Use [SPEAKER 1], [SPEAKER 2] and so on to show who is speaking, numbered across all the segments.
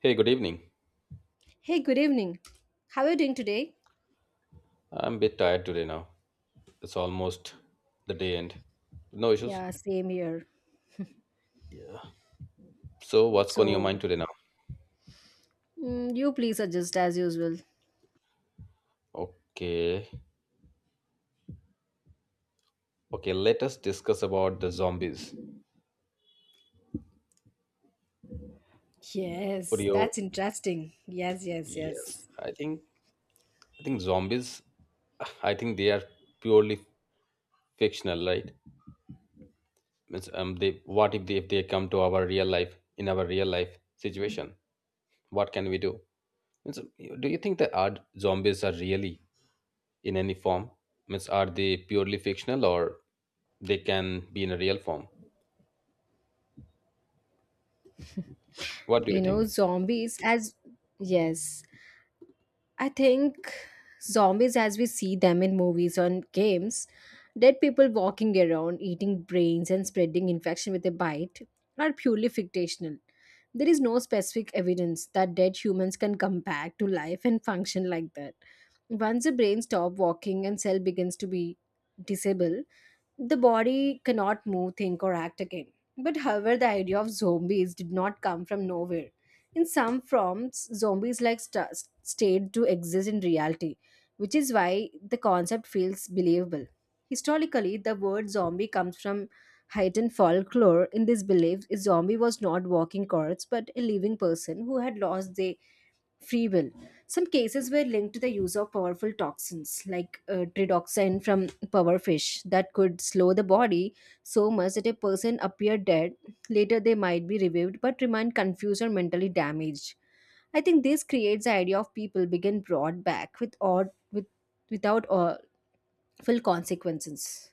[SPEAKER 1] Hey, good evening.
[SPEAKER 2] Hey, good evening. How are you doing today?
[SPEAKER 1] I'm a bit tired today now. It's almost the day end. No issues.
[SPEAKER 2] Yeah, same here.
[SPEAKER 1] So, what's going on your
[SPEAKER 2] So,
[SPEAKER 1] mind today now?
[SPEAKER 2] you please adjust as usual.
[SPEAKER 1] Okay. Okay, let us discuss about the zombies.
[SPEAKER 2] Yes,
[SPEAKER 1] Purio,
[SPEAKER 2] that's interesting. Yes, yes,
[SPEAKER 1] yes.
[SPEAKER 2] yes.
[SPEAKER 1] I think zombies, I think they are purely fictional, right? Means, they, what if they come to our real life, in our real life situation? What can we do? Means, do you think that our zombies are really in any form? Means, are they purely fictional, or they can be in a real form? What do you think?
[SPEAKER 2] Zombies as yes. I think zombies, as we see them in movies and games, dead people walking around, eating brains, and spreading infection with a bite, are purely fictional. There is no specific evidence that dead humans can come back to life and function like that. Once the brain stops walking and cell begins to be disabled, the body cannot move, think, or act again. But however, the idea of zombies did not come from nowhere. In some forms, zombies like state do exist in reality, which is why the concept feels believable. Historically, the word zombie comes from heightened folklore in this belief a zombie was not walking corpse but a living person who had lost their free will. Some cases were linked to the use of powerful toxins like tridoxin from powerfish that could slow the body so much that a person appeared dead. Later, they might be revived but remain confused or mentally damaged. I think this creates the idea of people being brought back with without full consequences.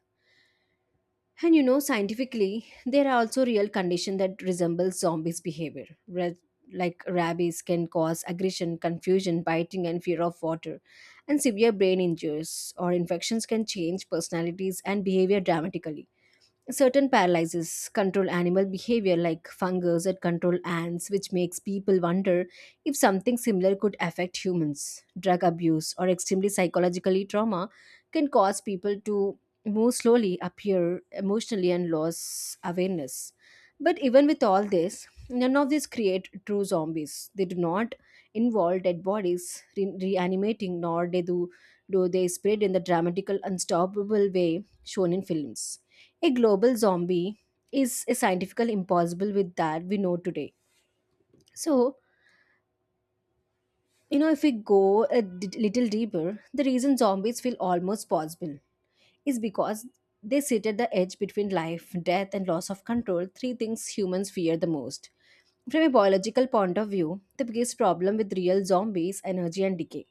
[SPEAKER 2] And scientifically, there are also real conditions that resemble zombies' behavior, like rabies can cause aggression, confusion, biting, and fear of water. And severe brain injuries or infections can change personalities and behavior dramatically. Certain paralyzes control animal behavior, like fungus that control ants, which makes people wonder if something similar could affect humans. Drug abuse or extremely psychologically trauma can cause people to move slowly appear emotionally and lose awareness. But even with all this, none of these create true zombies. They do not involve dead bodies reanimating, nor they do do they spread in the dramatical, unstoppable way shown in films. A global zombie is a scientifical impossible with that we know today. So if we go a little deeper, the reason zombies feel almost possible is because they sit at the edge between life, death, and loss of control, three things humans fear the most. From a biological point of view, the biggest problem with real zombies energy and decay.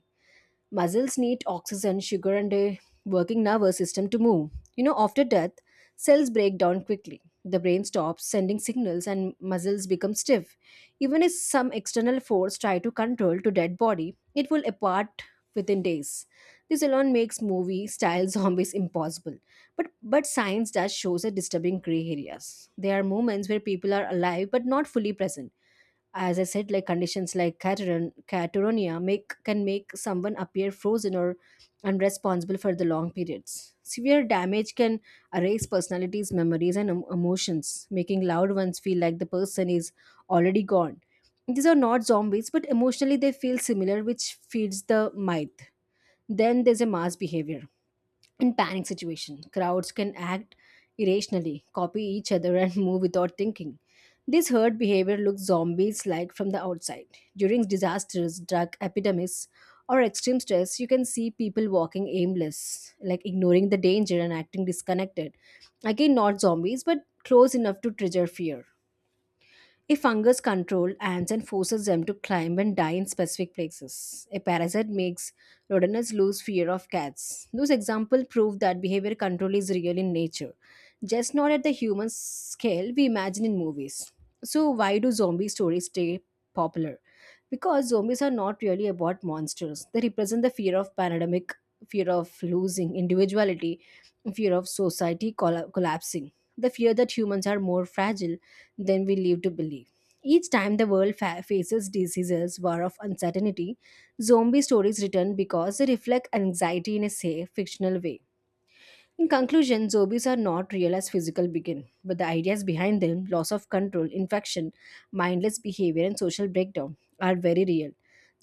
[SPEAKER 2] Muscles need oxygen, sugar, and a working nervous system to move. You know, after death, cells break down quickly. The brain stops sending signals and muscles become stiff. Even if some external force try to control to dead body, it will apart within days. This alone makes movie style zombies impossible. But science does shows a disturbing gray areas. There are moments where people are alive but not fully present as I said, like conditions like Cateran, Catatonia make can make someone appear frozen or unresponsible for the long periods. Severe damage can erase personalities, memories, and emotions, making loved ones feel like the person is already gone. These are not zombies, but emotionally they feel similar, which feeds the myth. Then there's a mass behavior. In panic situation, crowds can act irrationally, copy each other and move without thinking. This herd behavior looks zombies like from the outside. During disasters, drug epidemics, or extreme stress, you can see people walking aimless, like ignoring the danger and acting disconnected. Again, not zombies, but close enough to trigger fear. A fungus controls ants and forces them to climb and die in specific places. A parasite makes rodents lose fear of cats. Those examples prove that behavior control is real in nature, just not at the human scale we imagine in movies. So, why do zombie stories stay popular? Because zombies are not really about monsters, they represent the fear of pandemic, fear of losing individuality, fear of society collapsing, the fear that humans are more fragile than we live to believe. Each time the world faces diseases, war of uncertainty, zombie stories return because they reflect anxiety in a safe, fictional way. In conclusion, zombies are not real as physical begin, but the ideas behind them, loss of control, infection, mindless behavior, and social breakdown, are very real.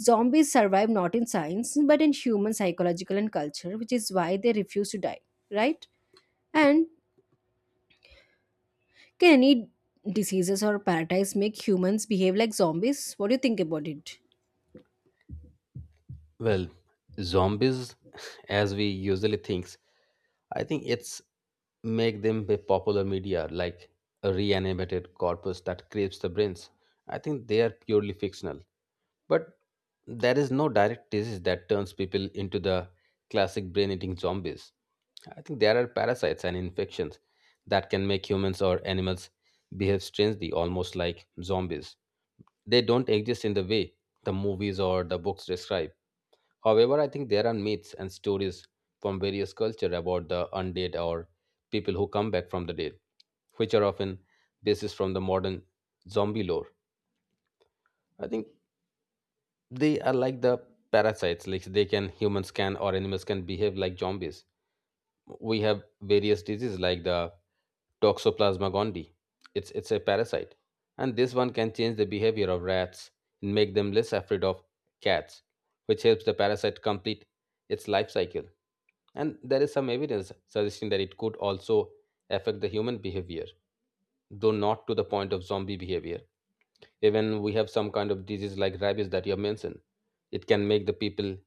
[SPEAKER 2] Zombies survive not in science, but in human psychological and culture, which is why they refuse to die, right? And can any diseases or parasites make humans behave like zombies? What do you think about it?
[SPEAKER 1] Well, zombies, as we usually think, I think it's make them by popular media, like a reanimated corpus that craves the brains. I think they are purely fictional. But there is no direct disease that turns people into the classic brain eating zombies. I think there are parasites and infections that can make humans or animals behave strangely, almost like zombies. They don't exist in the way the movies or the books describe. However, I think there are myths and stories from various cultures about the undead, or people who come back from the dead, which are often basis from the modern zombie lore. I think they are like the parasites, like they can humans can or animals can behave like zombies. We have various diseases like the Toxoplasma gondii. It's a parasite. And this one can change the behavior of rats and make them less afraid of cats, which helps the parasite complete its life cycle. And there is some evidence suggesting that it could also affect the human behavior, though not to the point of zombie behavior. Even we have some kind of disease like rabies that you have mentioned. It can make the people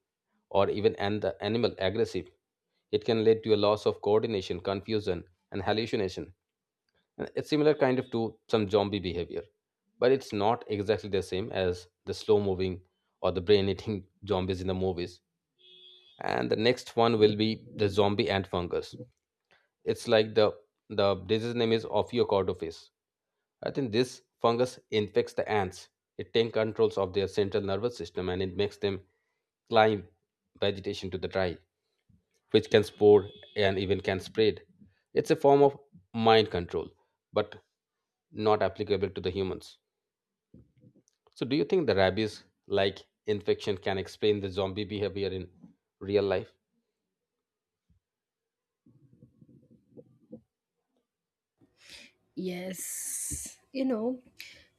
[SPEAKER 1] or even and the animal aggressive. It can lead to a loss of coordination, confusion, and hallucination, and it's similar kind of to some zombie behavior, but it's not exactly the same as the slow moving or the brain eating zombies in the movies. And the next one will be the zombie antfungus. It's like the disease name is Ophiocordophis. I think this fungus infects the ants. It takes controls of their central nervous system, and it makes them climb vegetation to the dry, which can spore and even can spread. It's a form of mind control, but not applicable to the humans. So, do you think the rabies like infection can explain the zombie behavior in real life?
[SPEAKER 2] Yes. You know,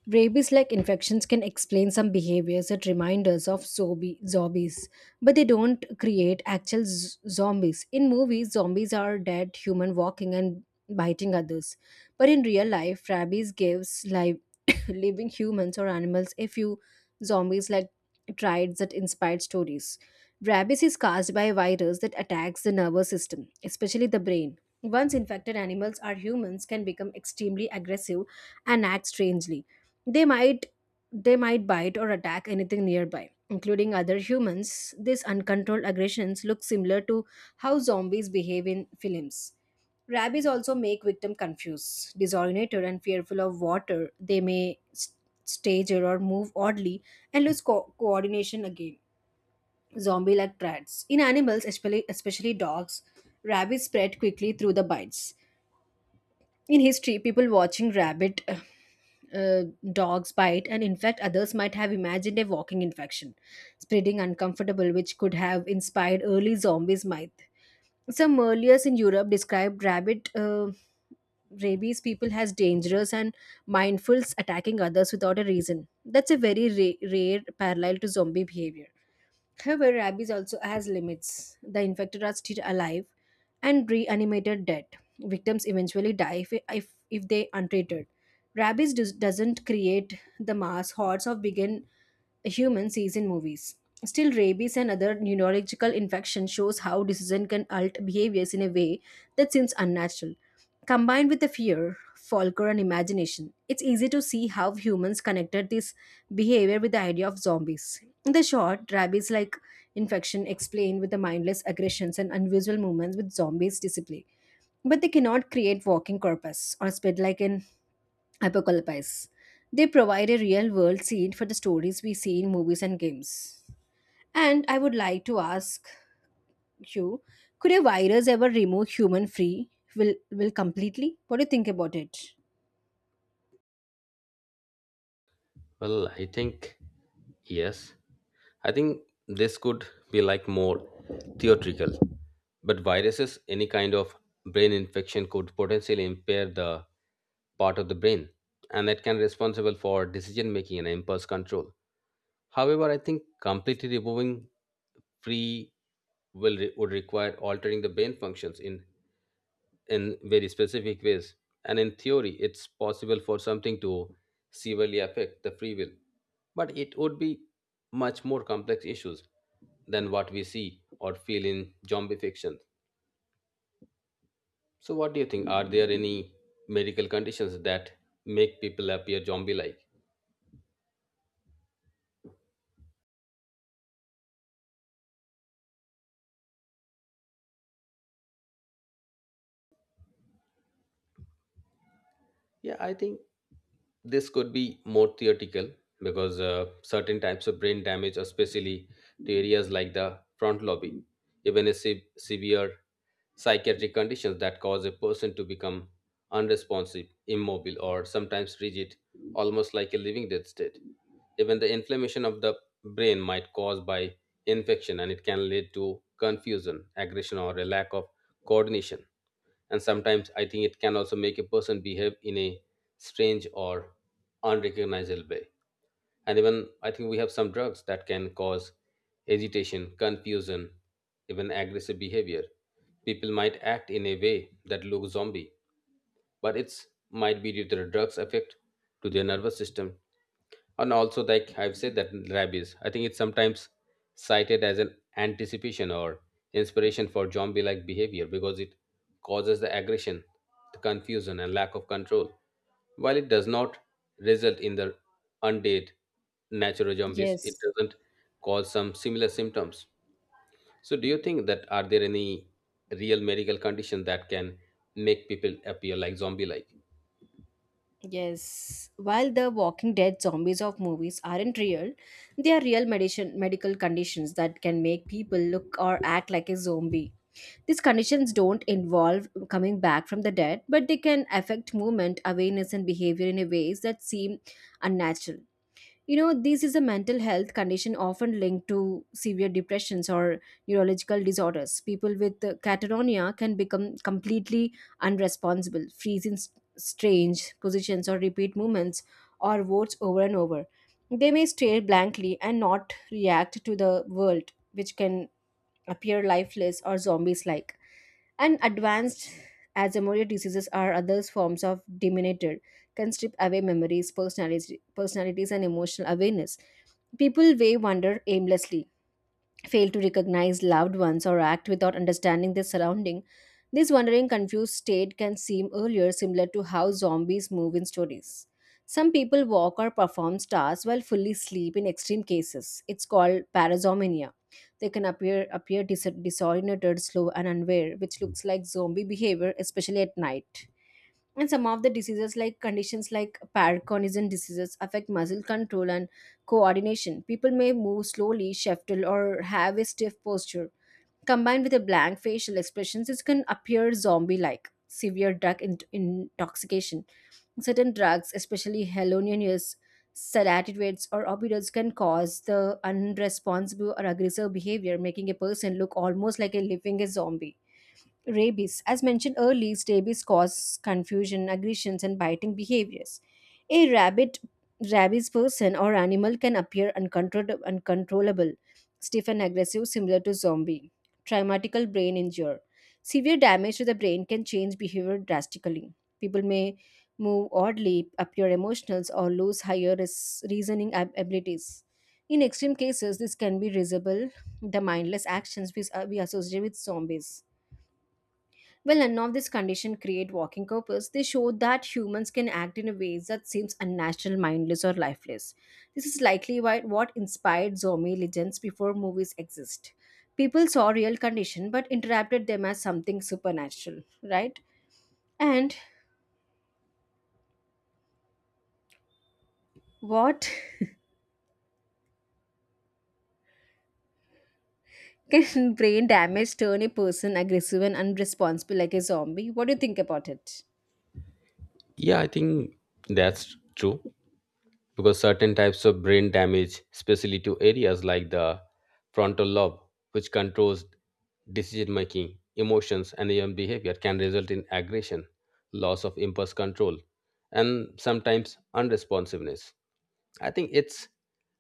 [SPEAKER 2] rabies like infections can explain some behaviors that remind us of zombies, but they don't create actual zombies. In movies, zombies are dead human walking and biting others. But in real life, rabies gives live living humans or animals a few zombies like traits that inspired stories. Rabies is caused by a virus that attacks the nervous system, especially the brain. Once infected animals or humans can become extremely aggressive and act strangely. They might they might bite or attack anything nearby, including other humans. These uncontrolled aggressions look similar to how zombies behave in films. Rabies also make victim confused, disoriented, and fearful of water. They may stage or move oddly and lose coordination again zombie like traits. In animals, especially dogs, rabies spread quickly through the bites. In history, people watching rabbit uh, dogs bite and infect others might have imagined a walking infection, spreading uncomfortable, which could have inspired early zombies' myth. Some earlier in Europe described rabbit rabies people as dangerous and mindfuls attacking others without a reason. That's a very rare parallel to zombie behavior. However, rabies also has limits. The infected are still alive and reanimated dead. Victims eventually die if they untreated. Doesn't create the mass hordes of begin humans sees in movies. Still, rabies and other neurological infection shows how decision can alt behaviors in a way that seems unnatural. Combined with the fear, folklore, and imagination, it's easy to see how humans connected these behavior with the idea of zombies. In the short, rabies like infection explained with the mindless aggressions and unusual movements with zombies display. But they cannot create walking corpus or spread like an apocalypse. They provide a real world scene for the stories we see in movies and games. And I would like to ask you, could a virus ever remove human free will completely? What do you think about it?
[SPEAKER 1] Well, I think yes. I think this could be like more theoretical. But viruses, any kind of brain infection could potentially impair the part of the brain, and that can be responsible for decision making and impulse control. However, I think completely removing free will would require altering the brain functions in very specific ways. And in theory, it's possible for something to severely affect the free will. But it would be much more complex issues than what we see or feel in zombie fiction. So, what do you think? Are there any medical conditions that make people appear zombie like? Yeah, I think this could be more theoretical because certain types of brain damage, especially to areas like the front lobby, even a severe psychiatric conditions that cause a person to become unresponsive, immobile, or sometimes rigid, almost like a living dead state. Even the inflammation of the brain might cause by infection, and it can lead to confusion, aggression, or a lack of coordination, and sometimes I think it can also make a person behave in a strange or unrecognizable way. And even I think we have some drugs that can cause agitation, confusion, even aggressive behavior. People might act in a way that looks zombie, but it's might be due to the drugs effect to their nervous system. And also like I've said that rabies, I think it's sometimes cited as an anticipation or inspiration for zombie like behavior, because it causes the aggression, the confusion, and lack of control. While it does not result in the undead natural zombies, it
[SPEAKER 2] Yes.
[SPEAKER 1] doesn't cause some similar symptoms. So, do you think that are there any real medical condition that can make people appear like zombie like?
[SPEAKER 2] Yes, while the Walking Dead zombies of movies aren't real, they are real medicine, medical conditions that can make people look or act like a zombie. These conditions don't involve coming back from the dead, but they can affect movement, awareness, and behavior in a ways that seem unnatural. You know, this is a mental health condition often linked to severe depressions or neurological disorders. People with catatonia can become completely unresponsible, freeze in strange positions or repeat movements or words over and over. They may stare blankly and not react to the world, which can appear lifeless or zombies like. And advanced Alzheimer's diseases are other forms of dementia, can strip away memories, personalities and emotional awareness. People way wander aimlessly fail to recognize loved ones or act without understanding their surrounding. This wandering, confused state can seem earlier similar to how zombies move in stories. Some people walk or perform tasks while fully asleep in extreme cases. It's called parasomnia. They can appear disoriented, slow, and unaware, which looks like zombie behavior, especially at night and some of the diseases like conditions like Parkinson's diseases affect muscle control and coordination people may move slowly shuffle, or have a stiff posture combined with a blank facial expressions it can appear zombie like severe drug intoxication certain drugs especially hallucinogens, sedatives or opioids can cause the unresponsible or aggressive behavior making a person look almost like a living a zombie rabies. As mentioned earlier, rabies causes confusion, aggressions, and biting behaviors. A rabies person or animal can appear uncontrollable, stiff and aggressive, similar to zombie. Traumatical brain injury. Severe damage to the brain can change behavior drastically. People may move oddly, appear emotional, or lose higher reasoning abilities. In extreme cases, this can be visible, the mindless actions we associate with zombies while none of these conditions create walking corpus, they show that humans can act in a ways that seems unnatural, mindless, or lifeless. This is likely why what inspired zombie legends before movies exist. People saw real condition but interpreted them as something supernatural, right? And what can brain damage turn a person aggressive and unresponsible like a zombie? What do you think about it?
[SPEAKER 1] Yeah, I think that's true, because certain types of brain damage, especially to areas like the frontal lobe, which controls decision making, emotions, and even behavior, can result in aggression, loss of impulse control, and sometimes unresponsiveness. I think it's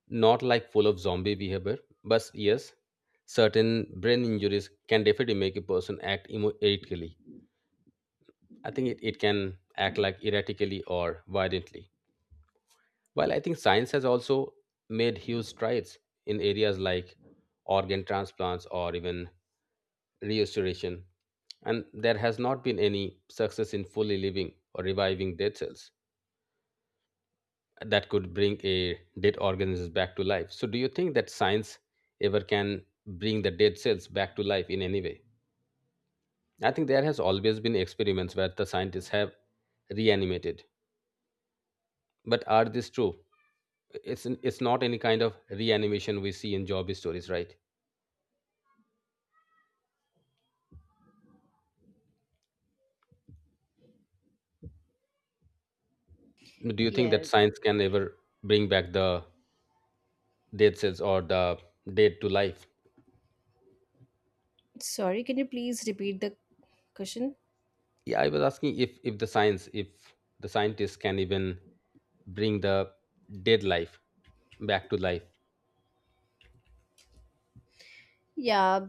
[SPEAKER 1] not like full of zombie behavior, but yes, certain brain injuries can definitely make a person act erratically. I think it can act like erratically or violently. While I think science has also made huge strides in areas like organ transplants or even restoration, and there has not been any success in fully living or reviving dead cells that could bring a dead organism back to life. So, do you think that science ever can bring the dead cells back to life in any way? I think there has always been experiments where the scientists have reanimated, but are this true? It's not any kind of reanimation we see in job stories, right? Do you think that
[SPEAKER 2] Yes.
[SPEAKER 1] science can ever bring back the dead cells or the dead to life?
[SPEAKER 2] Sorry, can you please repeat the question?
[SPEAKER 1] Yeah, I was asking if the science, if the scientists can even bring the dead life back to life.
[SPEAKER 2] Yeah,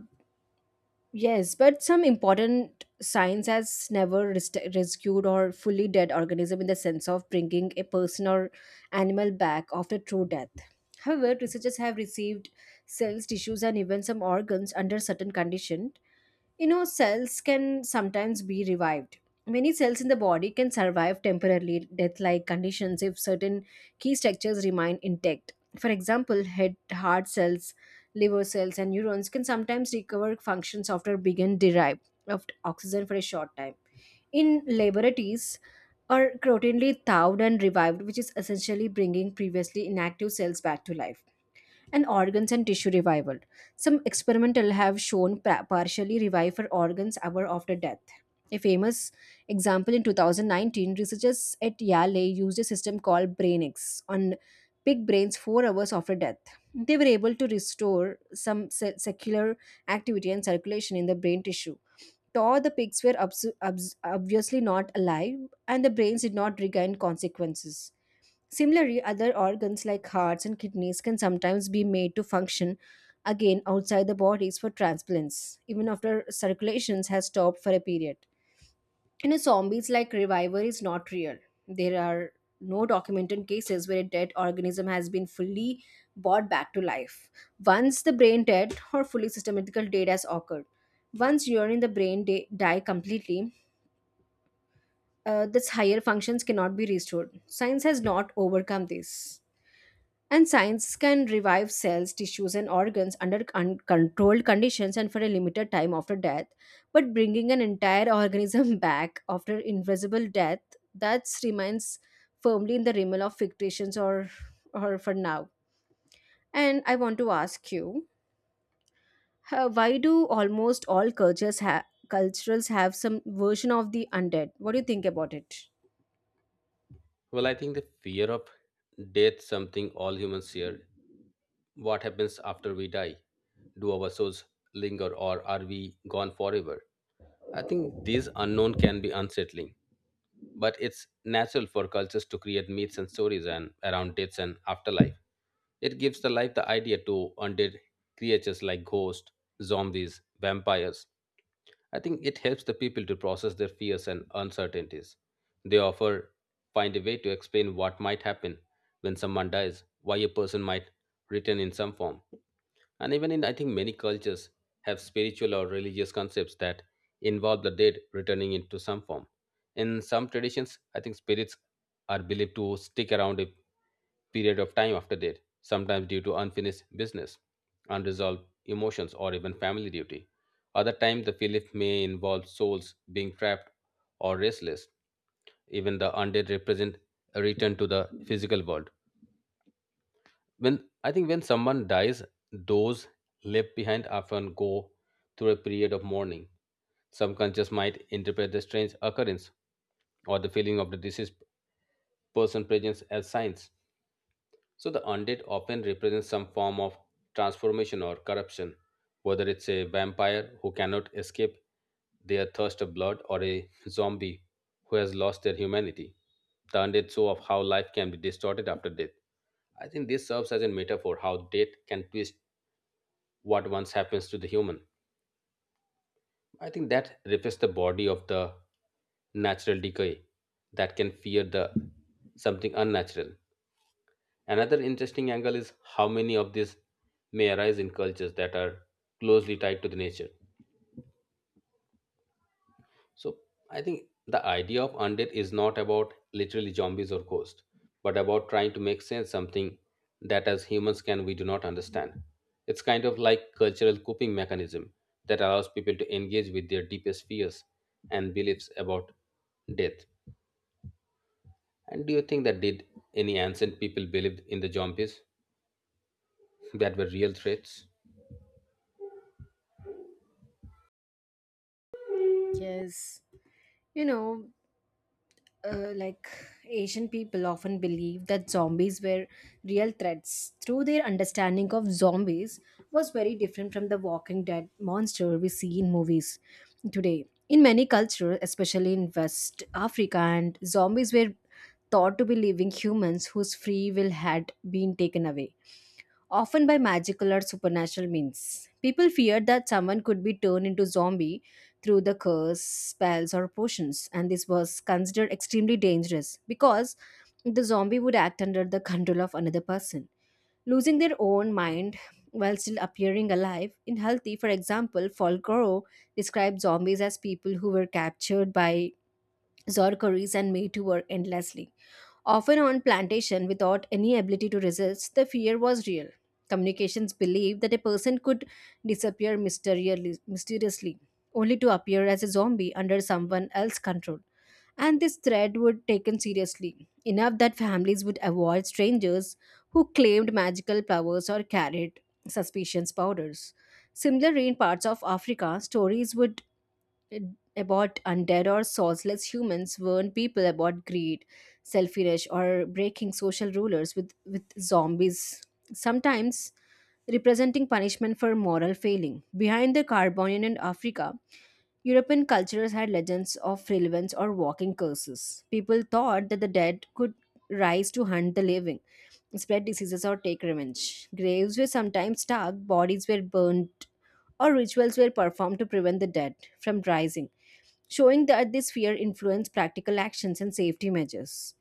[SPEAKER 2] yes, but some important science has never rescued or fully dead organism in the sense of bringing a person or animal back after true death. However, researchers have received cells, tissues, and even some organs under certain conditions you know, cells can sometimes be revived. Many cells in the body can survive temporarily death like conditions if certain key structures remain intact. For example, head, heart cells, liver cells, and neurons can sometimes recover functions after being derived of oxygen for a short time. In laboratories, are routinely thawed and revived, which is essentially bringing previously inactive cells back to life and organs and tissue revival. Some experimental have shown partially revive for organs hour after death. A famous example in 2019, researchers at Yale used a system called BrainX on pig brains 4 hours after death. They were able to restore some secular activity and circulation in the brain tissue. Though the pigs were obviously not alive, and the brains did not regain consequences. Similarly, other organs like hearts and kidneys can sometimes be made to function again outside the bodies for transplants, even after circulations has stopped for a period. In a zombies like revival is not real. There are no documented cases where a dead organism has been fully brought back to life. Once the brain dead or fully systematical dead has occurred. Once urine in the brain die completely, this higher functions cannot be restored. Science has not overcome this. And science can revive cells, tissues, and organs under uncontrolled conditions and for a limited time after death. But bringing an entire organism back after invisible death, that remains firmly in the realm of fictions or for now. And I want to ask you, why do almost all cultures have culturals have some version of the undead? What do you think about it?
[SPEAKER 1] Well, I think the fear of death, something all humans share. What happens after we die? Do our souls linger, or are we gone forever? I think these unknown can be unsettling. But it's natural for cultures to create myths and stories and around deaths and afterlife. It gives the life the idea to undead creatures like ghosts, zombies, vampires. I think it helps the people to process their fears and uncertainties. They offer find a way to explain what might happen when someone dies, why a person might return in some form. And even in, I think, many cultures have spiritual or religious concepts that involve the dead returning into some form. In some traditions, I think spirits are believed to stick around a period of time after death, sometimes due to unfinished business, unresolved emotions, or even family duty. Other times, the belief may involve souls being trapped or restless. Even the undead represent a return to the physical world, when, I think, when someone dies, those left behind often go through a period of mourning. Some conscious might interpret the strange occurrence or the feeling of the deceased person presence as signs. So the undead often represents some form of transformation or corruption, whether it's a vampire who cannot escape their thirst of blood, or a zombie who has lost their humanity. The undead show of how life can be distorted after death. I think this serves as a metaphor how death can twist what once happens to the human. I think that reflects the body of the natural decay that can fear the something unnatural. Another interesting angle is how many of these may arise in cultures that are closely tied to the nature. So I think the idea of undead is not about literally zombies or ghosts, but about trying to make sense something that as humans can we do not understand. It's kind of like cultural coping mechanism that allows people to engage with their deepest fears and beliefs about death. And do you think that did any ancient people believed in the zombies that were real threats?
[SPEAKER 2] Yes. You know, like Asian people often believe that zombies were real threats. Through their understanding of zombies was very different from the Walking Dead monster we see in movies today. In many cultures, especially in West Africa, and zombies were thought to be living humans whose free will had been taken away often by magical or supernatural means. People feared that someone could be turned into zombie through the curse, spells, or potions, and this was considered extremely dangerous because the zombie would act under the control of another person. Losing their own mind while still appearing alive in healthy, for example, Folgore described zombies as people who were captured by Zorkeries and made to work endlessly, often on plantation without any ability to resist, the fear was real. Communications believed that a person could disappear mysteriously, only to appear as a zombie under someone else's control. And this threat would taken seriously, enough that families would avoid strangers who claimed magical powers or carried suspicious powders. Similarly, in parts of Africa, stories would about undead or soulless humans warn people about greed, selfishness, or breaking social rulers with zombies, sometimes representing punishment for moral failing. Behind the Carbonian and Africa, European cultures had legends of relevance or walking curses. People thought that the dead could rise to hunt the living, spread diseases, or take revenge. Graves were sometimes dug, bodies were burned, or rituals were performed to prevent the dead from rising, showing that this fear influenced practical actions and safety measures.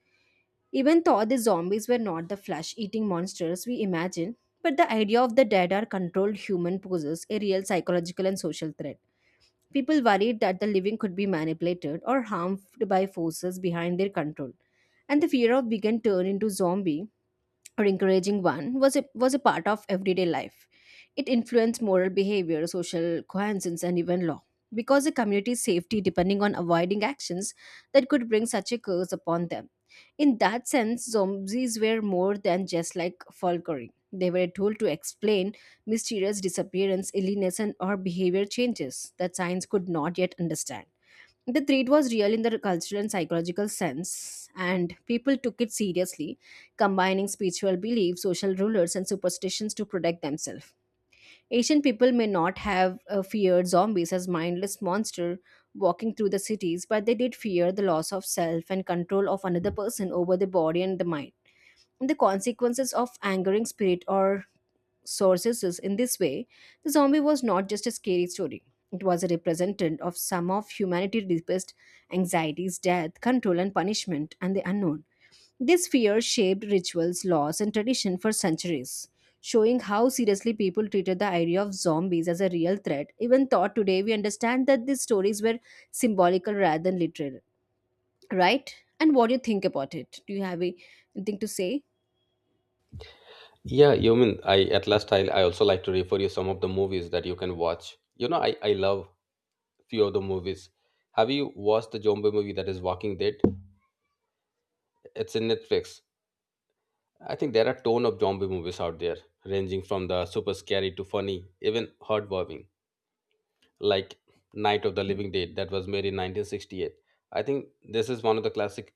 [SPEAKER 2] Even though the zombies were not the flesh eating monsters we imagine, but the idea of the dead are controlled human poses a real psychological and social threat. People worried that the living could be manipulated or harmed by forces behind their control, and the fear of being turned into zombie or encouraging one was a part of everyday life. It influenced moral behavior, social cohesion, and even law. Because the community's safety depending on avoiding actions that could bring such a curse upon them. In that sense, zombies were more than just like folklore. They were a tool to explain mysterious disappearance, illness, and or behavior changes that science could not yet understand the threat was real in the cultural and psychological sense, and people took it seriously, combining spiritual beliefs, social rulers, and superstitions to protect themselves. Asian people may not have feared zombies as mindless monsters walking through the cities, but they did fear the loss of self and control of another person over the body and the mind the consequences of angering spirit or sorceresses in this way, the zombie was not just a scary story. It was a representative of some of humanity's deepest anxieties, death, control, and punishment, and the unknown. This fear shaped rituals, laws, and tradition for centuries, showing how seriously people treated the idea of zombies as a real threat. Even thought today, we understand that these stories were symbolical rather than literal, right? And what do you think about it? Do you have anything to say?
[SPEAKER 1] Yeah, you mean, I at last, I also like to refer you some of the movies that you can watch. You know, I love few of the movies. Have you watched the zombie movie that is Walking Dead? It's in Netflix. I think there are ton of zombie movies out there, ranging from the super scary to funny, even heartwarming, like Night of the Living Dead, that was made in 1968. I think this is one of the classic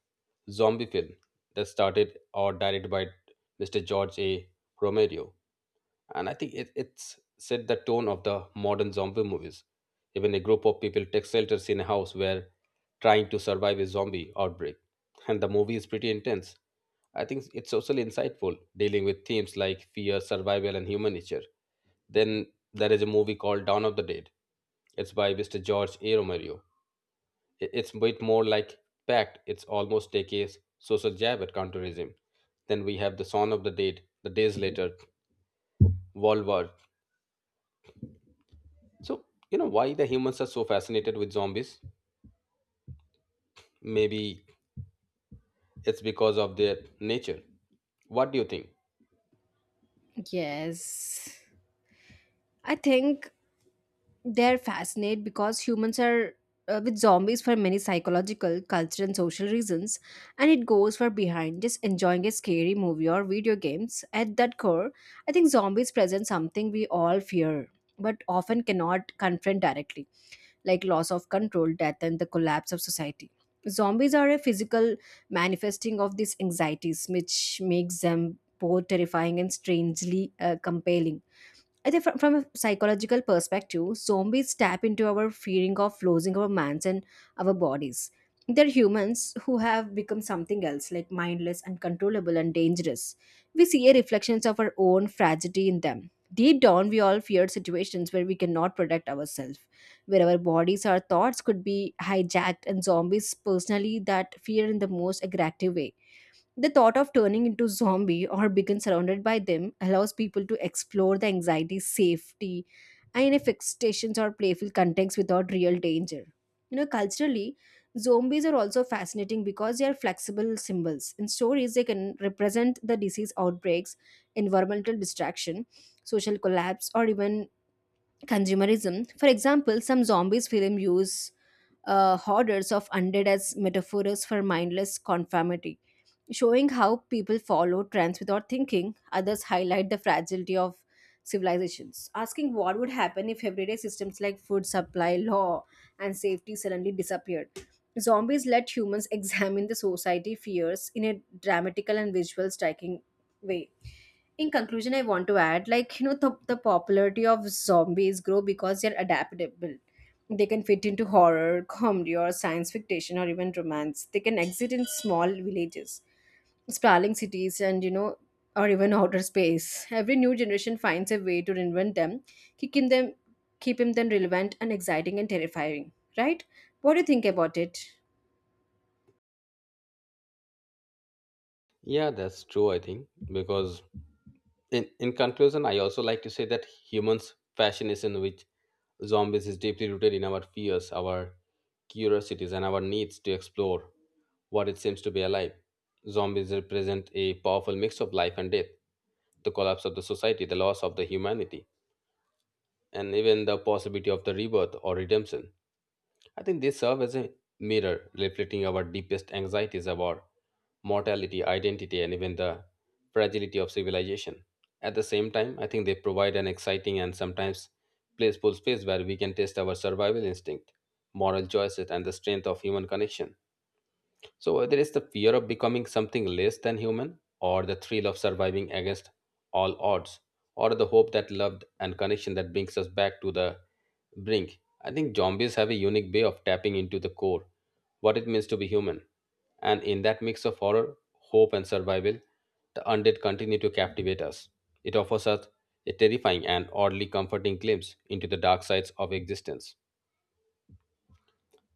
[SPEAKER 1] zombie film that started or directed by Mr. George A. Romero. And I think it's set the tone of the modern zombie movies. Even a group of people take shelters in a house where trying to survive a zombie outbreak, and the movie is pretty intense. I think it's socially insightful, dealing with themes like fear, survival, and human nature. Then there is a movie called Dawn of the Dead. It's by Mr. George A. Romero. It's a bit more like Pact. It's almost take a social jab at counterism. Then we have The Son of the Dead, The Days Later, World War. So, you know why the humans are so fascinated with zombies? Maybe it's because of their nature. What do you think?
[SPEAKER 2] Yes. I think they're fascinated because humans are with zombies for many psychological, cultural, and social reasons, and it goes far behind just enjoying a scary movie or video games. At that core, I think zombies present something we all fear but often cannot confront directly, like loss of control, death, and the collapse of society. Zombies are a physical manifesting of these anxieties, which makes them both terrifying and strangely compelling. I think from a psychological perspective, zombies tap into our fearing of losing our minds and our bodies. They're humans who have become something else, like mindless, uncontrollable, and dangerous. We see a reflections of our own fragility in them. Deep down, we all fear situations where we cannot protect ourselves, where our bodies or thoughts could be hijacked, and zombies personally that fear in the most aggressive way the thought of turning into zombie or being surrounded by them allows people to explore the anxiety, safety, and infestations or playful contexts without real danger. You know, culturally, zombies are also fascinating because they are flexible symbols. In stories, they can represent the disease outbreaks, environmental destruction, social collapse, or even consumerism. For example, some zombies film use hoarders of undead as metaphors for mindless conformity showing how people follow trends without thinking. Others highlight the fragility of civilizations, asking what would happen if everyday systems like food supply, law, and safety suddenly disappeared. Zombies let humans examine the society fears in a dramatical and visual striking way. In conclusion, I want to add, like, you know, the popularity of zombies grow because they're adaptable. They can fit into horror, comedy, or science fiction, or even romance. They can exist in small villages sprawling cities and you know or even outer space. Every new generation finds a way to reinvent them, keeping them keeping them relevant and exciting and terrifying, right? What do you think about it?
[SPEAKER 1] Yeah, that's true, I think. Because in conclusion, I also like to say that humans' fascination with zombies is deeply rooted in our fears, our curiosities, and our needs to explore what it seems to be alive. Zombies represent a powerful mix of life and death, the collapse of the society, the loss of the humanity, and even the possibility of the rebirth or redemption. I think they serve as a mirror reflecting our deepest anxieties about mortality, identity, and even the fragility of civilization. At the same time, I think they provide an exciting and sometimes playful space where we can test our survival instinct, moral choices, and the strength of human connection. So, whether it's the fear of becoming something less than human, or the thrill of surviving against all odds, or the hope that love and connection that brings us back to the Bring. I think zombies have a unique way of tapping into the core, what it means to be human. And in that mix of horror, hope, and survival, the undead continue to captivate us. It offers us a terrifying and oddly comforting glimpse into the dark sides of existence.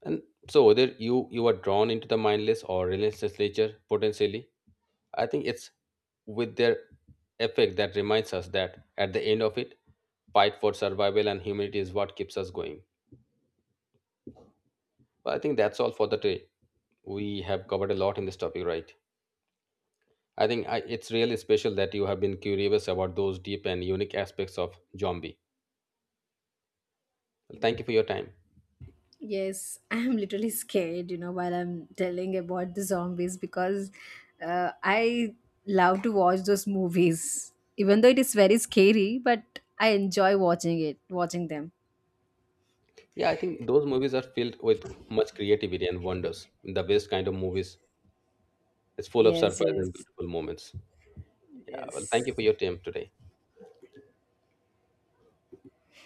[SPEAKER 1] And so, whether you are drawn into the mindless or relentless nature potentially, I think it's with their effect that reminds us that at the end of it, fight for survival and humanity is what keeps us going. But I think that's all for the day. We have covered a lot in this topic, right? I think it's really special that you have been curious about those deep and unique aspects of zombie. Thank you for your time.
[SPEAKER 2] Yes. I'm literally scared, you know, while I'm telling about the zombies because I love to watch those movies even though it is very scary but I enjoy watching them.
[SPEAKER 1] Yeah, I think those movies are filled with much creativity and wonders, the best kind of movies. It's full of
[SPEAKER 2] Yes,
[SPEAKER 1] surprise and
[SPEAKER 2] yes,
[SPEAKER 1] beautiful moments. Yeah, well, thank you for your
[SPEAKER 2] yes.
[SPEAKER 1] time today.